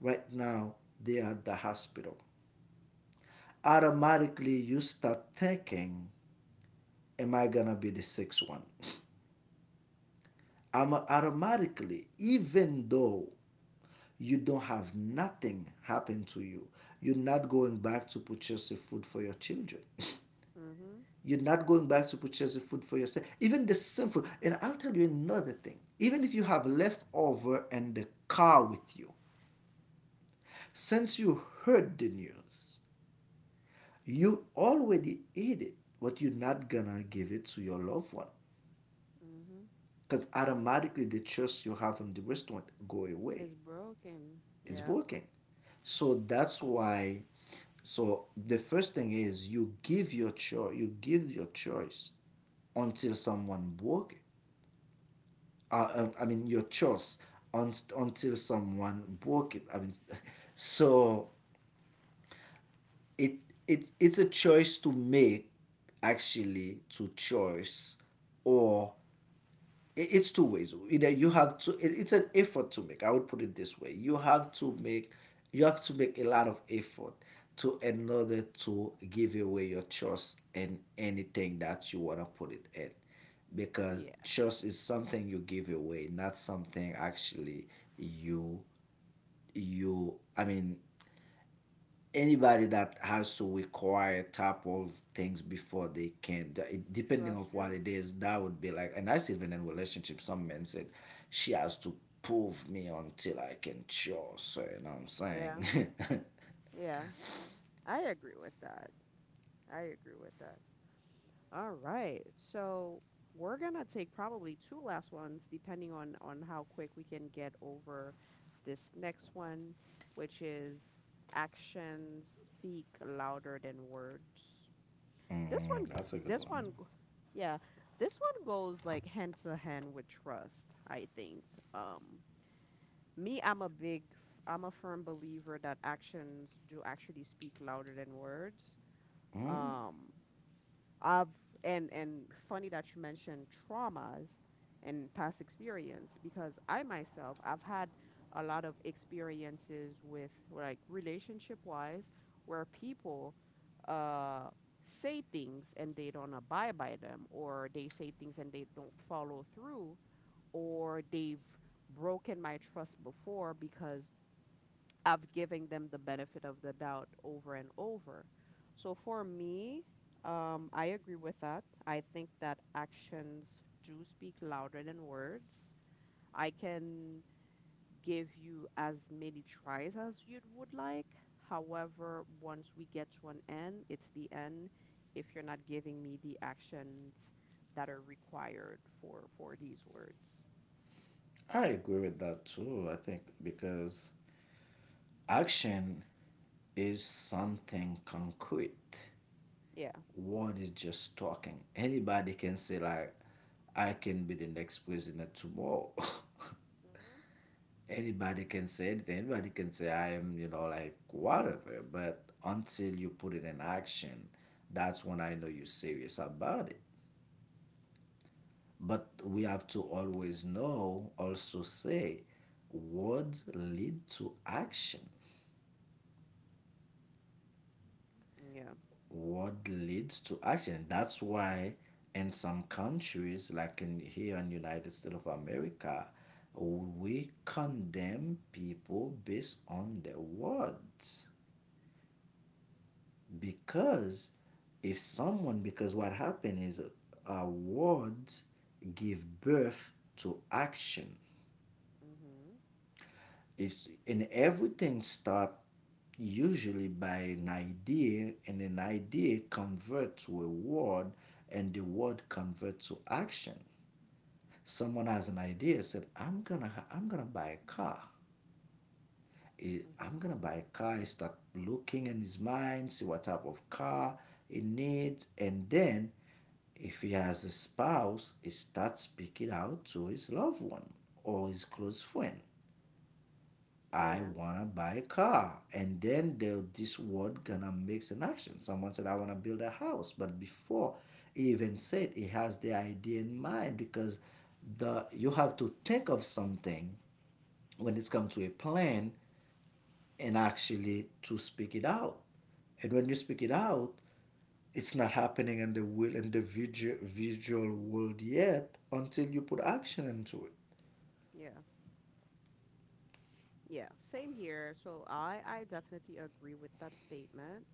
Speaker 2: right now, they are at the hospital. Automatically you start thinking am I gonna be the sixth one? I'm automatically, even though you don't have nothing happen to you, you're not going back to purchase the food for your children.
Speaker 1: Mm-hmm.
Speaker 2: You're not going back to purchase the food for yourself. Even the sinful. And I'll tell you another thing. Even if you have leftover in the car with you, since you heard the news, you already ate it, but you're not gonna give it to your loved one.
Speaker 1: Mm-hmm.
Speaker 2: Because automatically the trust you have in the restaurant go away.
Speaker 1: It's broken.
Speaker 2: It's
Speaker 1: Yeah.
Speaker 2: working. So that's why. So the first thing is you give your choice. You give your choice until someone broke.
Speaker 1: Right.
Speaker 2: I mean your choice un- until someone broke it. I mean, so it it's a choice to make actually to choice or it's two ways you know you have to it, it's an effort to make I would put it this way you have to make you have to make a lot of effort to in order to give away your trust in anything that you want to put it in because
Speaker 1: Yeah.
Speaker 2: trust is something you give away not something actually you you I mean anybody that has to require type of things before they can it, depending of
Speaker 1: Trust
Speaker 2: what
Speaker 1: you.
Speaker 2: it is that would be like and that's even in relationships. Some men said she has to prove me until I can trust her, so you know what I'm
Speaker 1: Yeah.
Speaker 2: saying?
Speaker 1: Yeah. I agree with that. I agree with that. All right. So we're gonna take probably two last ones, depending on how quick we can get over this next one, which is actions speak louder than words. This one,
Speaker 2: That's a good
Speaker 1: this
Speaker 2: one.
Speaker 1: one, g- yeah, this one goes like hand to hand with trust, I think. Um, me, I'm a big, f- I'm a firm believer that actions do actually speak louder than words.
Speaker 2: mm,
Speaker 1: Um, I've and funny that you mentioned traumas and past experience because I myself I've had a lot of experiences with like relationship wise where people uh say things and they don't abide by them or they say things and they don't follow through or they've broken my trust before because of giving them the benefit of the doubt over and over. So for me, I agree with that. I think that actions do speak louder than words. I can give you as many tries as you would like. However, once we get to an end, it's the end if you're not giving me the actions that are required for these words.
Speaker 2: I agree with that too. I think, because action is something concrete.
Speaker 1: Yeah.
Speaker 2: Word is just talking. Anybody can say, like, I can be the next president tomorrow.
Speaker 1: Hmm.
Speaker 2: Anybody can say anything. Anybody can say I am, like whatever. But until you put it in action, that's when I know you're serious about it. But we have to always know, also say, words lead to action.
Speaker 1: Hmm. Yeah.
Speaker 2: Word leads to action. That's why in some countries, like in here in United States of America, we condemn people based on their words, because if someone because what happened is, words give birth to action.
Speaker 1: Mhm.
Speaker 2: It's And everything start usually by an idea, and an idea converts to a word, and the word converts to action. Someone has an idea, said, I'm gonna buy a car.
Speaker 1: Mhm.
Speaker 2: I'm gonna buy a car. He start looking in his mind, see what type of car he needs. And then if he has a spouse, he starts speaking out to his loved one or his close friend. I
Speaker 1: Yeah.
Speaker 2: wanna buy a car, and then there this word gonna makes an action. Someone said, "I wanna build a house," but before he even said, he has the idea in mind, because the you have to think of something when it's come to a plan and actually to speak it out. And when you speak it out, it's not happening in the will in the visual world yet, until you put action into
Speaker 1: Yeah. Yeah, same here. So I definitely agree with that statement.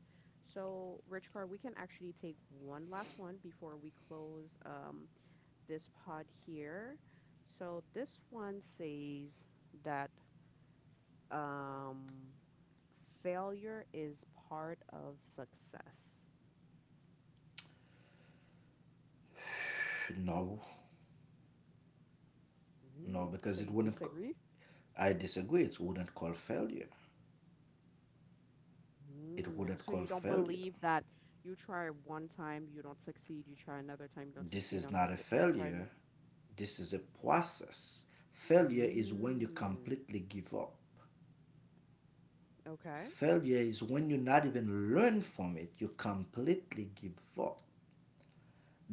Speaker 1: So Rich Car, we can actually take one last one before we close this pod here. So this one says that um failure is part of success.
Speaker 2: it. No, no,
Speaker 1: Mm, so
Speaker 2: because
Speaker 1: you
Speaker 2: it wouldn't.
Speaker 1: disagree?
Speaker 2: I disagree, it wouldn't call failure. It
Speaker 1: Mm,
Speaker 2: wouldn't
Speaker 1: so
Speaker 2: call
Speaker 1: you don't
Speaker 2: failure.
Speaker 1: believe that you try one time, you don't succeed, you try another time, you don't
Speaker 2: This
Speaker 1: succeed,
Speaker 2: is
Speaker 1: and the
Speaker 2: not a
Speaker 1: th- third time.
Speaker 2: failure, this is a process. Failure is when you
Speaker 1: You- Mm.
Speaker 2: completely give up.
Speaker 1: Okay.
Speaker 2: Failure is when you not even learn from it, you completely give up.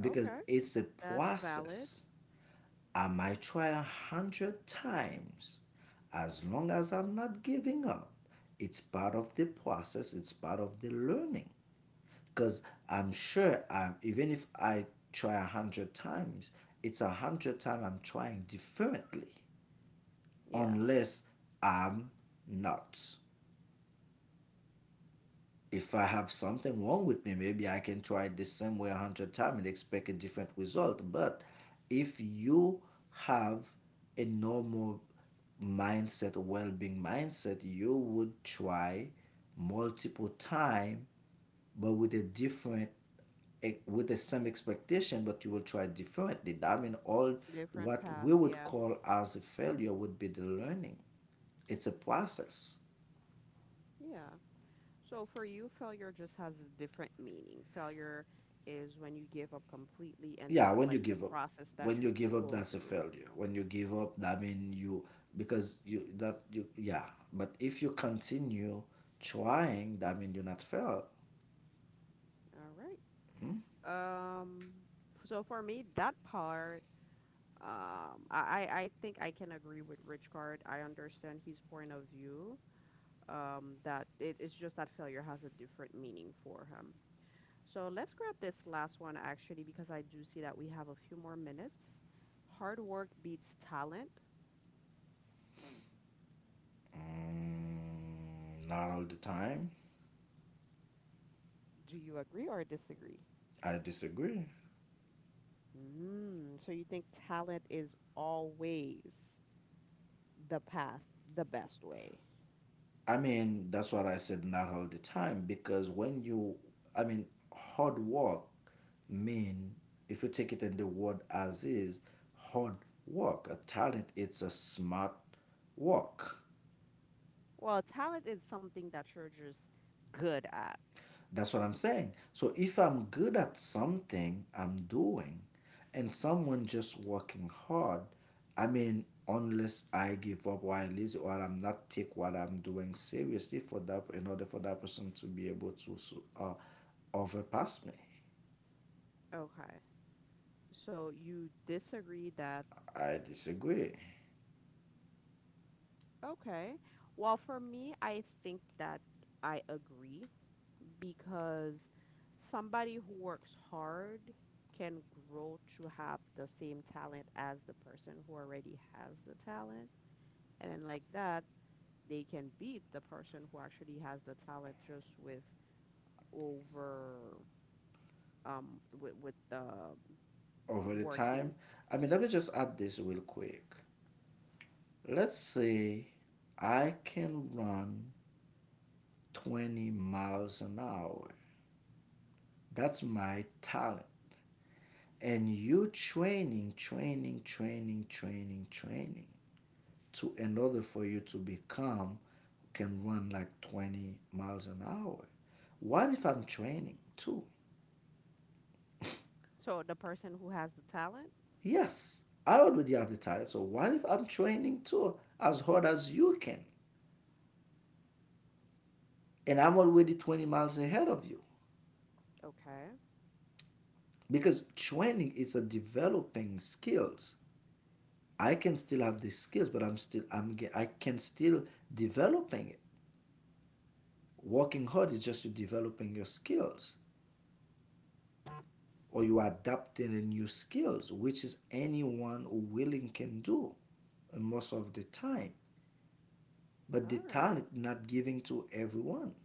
Speaker 2: Because it's a
Speaker 1: That's valid.
Speaker 2: process. I might try a hundred times. As long as I'm not giving up, it's part of the process, it's part of the learning. Because I'm sure, even if I try a hundred times, it's a hundred times I'm trying differently,
Speaker 1: Yeah.
Speaker 2: unless I'm not. If I have something wrong with me, maybe I can try it the same way a hundred times and expect a different result. But if you have a normal mindset, a well-being mindset, you would try multiple times, but with a different, eh, with the same expectation, but you will try differently. I mean, all
Speaker 1: Different
Speaker 2: what
Speaker 1: path.
Speaker 2: we would
Speaker 1: Yeah.
Speaker 2: call as a failure would be the learning. It's a process.
Speaker 1: Yeah. So for you, failure just has a different meaning. Failure is when you give up completely and
Speaker 2: Yeah,
Speaker 1: not
Speaker 2: when you
Speaker 1: like the
Speaker 2: give up
Speaker 1: process that
Speaker 2: when you
Speaker 1: you
Speaker 2: give up
Speaker 1: go
Speaker 2: that's a
Speaker 1: through.
Speaker 2: failure. When you give up, that mean you, because you, that you, yeah. But if you continue trying, that mean you're not failed.
Speaker 1: All right. Um, so for me, that part, I think I can agree with Richard. I understand his point of view. That it's just that failure has a different meaning for him. So let's grab this last one actually, because I do see that we have a few more minutes. Hard work beats talent.
Speaker 2: mm, Not all the time.
Speaker 1: Do you agree or disagree?
Speaker 2: I disagree.
Speaker 1: Mm, so you think talent is always the path, the best way?
Speaker 2: I mean, that's what I said, not all the time. Because when you, I mean, hard work mean, if you take it in the word as is, hard work, a talent, it's a smart work.
Speaker 1: Well, talent is something that you're just good at.
Speaker 2: That's what I'm saying. So if I'm good at something I'm doing, and someone just working hard, I mean, unless I give up or I'm lazy or I'm not take what I'm doing seriously, for that, in order for that person to be able to overpass me.
Speaker 1: Okay. So you disagree that,
Speaker 2: I disagree.
Speaker 1: okay. Well, for me, I think that I agree because somebody who works hard can grow to have the same talent as the person who already has the talent. And then, like that, they can beat the person who actually has the talent just with over, with the
Speaker 2: Over the
Speaker 1: working.
Speaker 2: time, I mean, let me just add this real quick. Let's say I can run 20 miles an hour. That's my talent. And you training, training, training, training, training, to in order for you to become, can run like 20 miles an hour. What if I'm training too?
Speaker 1: So, the person who has the talent,
Speaker 2: Yes, I already have the title. So what if I'm training too, as hard as you can? And I'm already 20 miles ahead of you.
Speaker 1: okay,
Speaker 2: Because training is a developing skills. I can still have the skills, but I can still developing it. Working hard is just you developing your skills, or you are adapting a new skills, which is anyone who willing can do, most of the time. But
Speaker 1: all
Speaker 2: the
Speaker 1: right,
Speaker 2: talent not giving to everyone.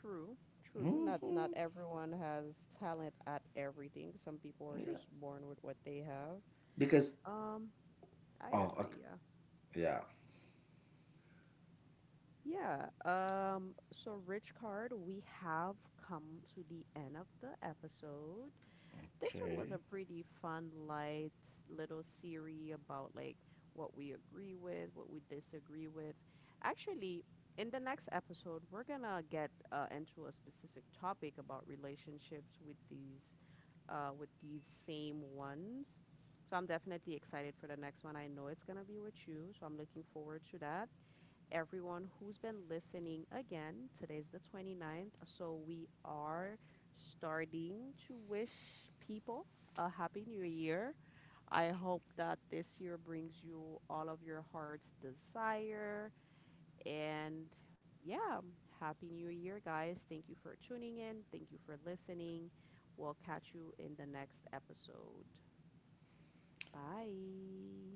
Speaker 1: true. True. Not not
Speaker 2: Hmm.
Speaker 1: everyone has talent at everything. Some people are
Speaker 2: Yeah.
Speaker 1: just born with what they have.
Speaker 2: Because,
Speaker 1: Um, I
Speaker 2: oh,
Speaker 1: agree.
Speaker 2: okay.
Speaker 1: Yeah.
Speaker 2: Yeah.
Speaker 1: Yeah. So, Rich Card, we have come to the end of the episode. This one was
Speaker 2: Okay.
Speaker 1: a pretty fun, light little series about like what we agree with, what we disagree with. Actually, in the next episode, we're gonna get into a specific topic about relationships with these same ones. So I'm definitely excited for the next one. I know it's gonna be with you, so I'm looking forward to that. Everyone who's been listening again. Today's the 29th, so we are starting to wish people a happy new year. I hope that this year brings you all of your heart's desire and yeah, happy new year, guys. Thank you for tuning in. Thank you for listening. We'll catch you in the next episode. Bye.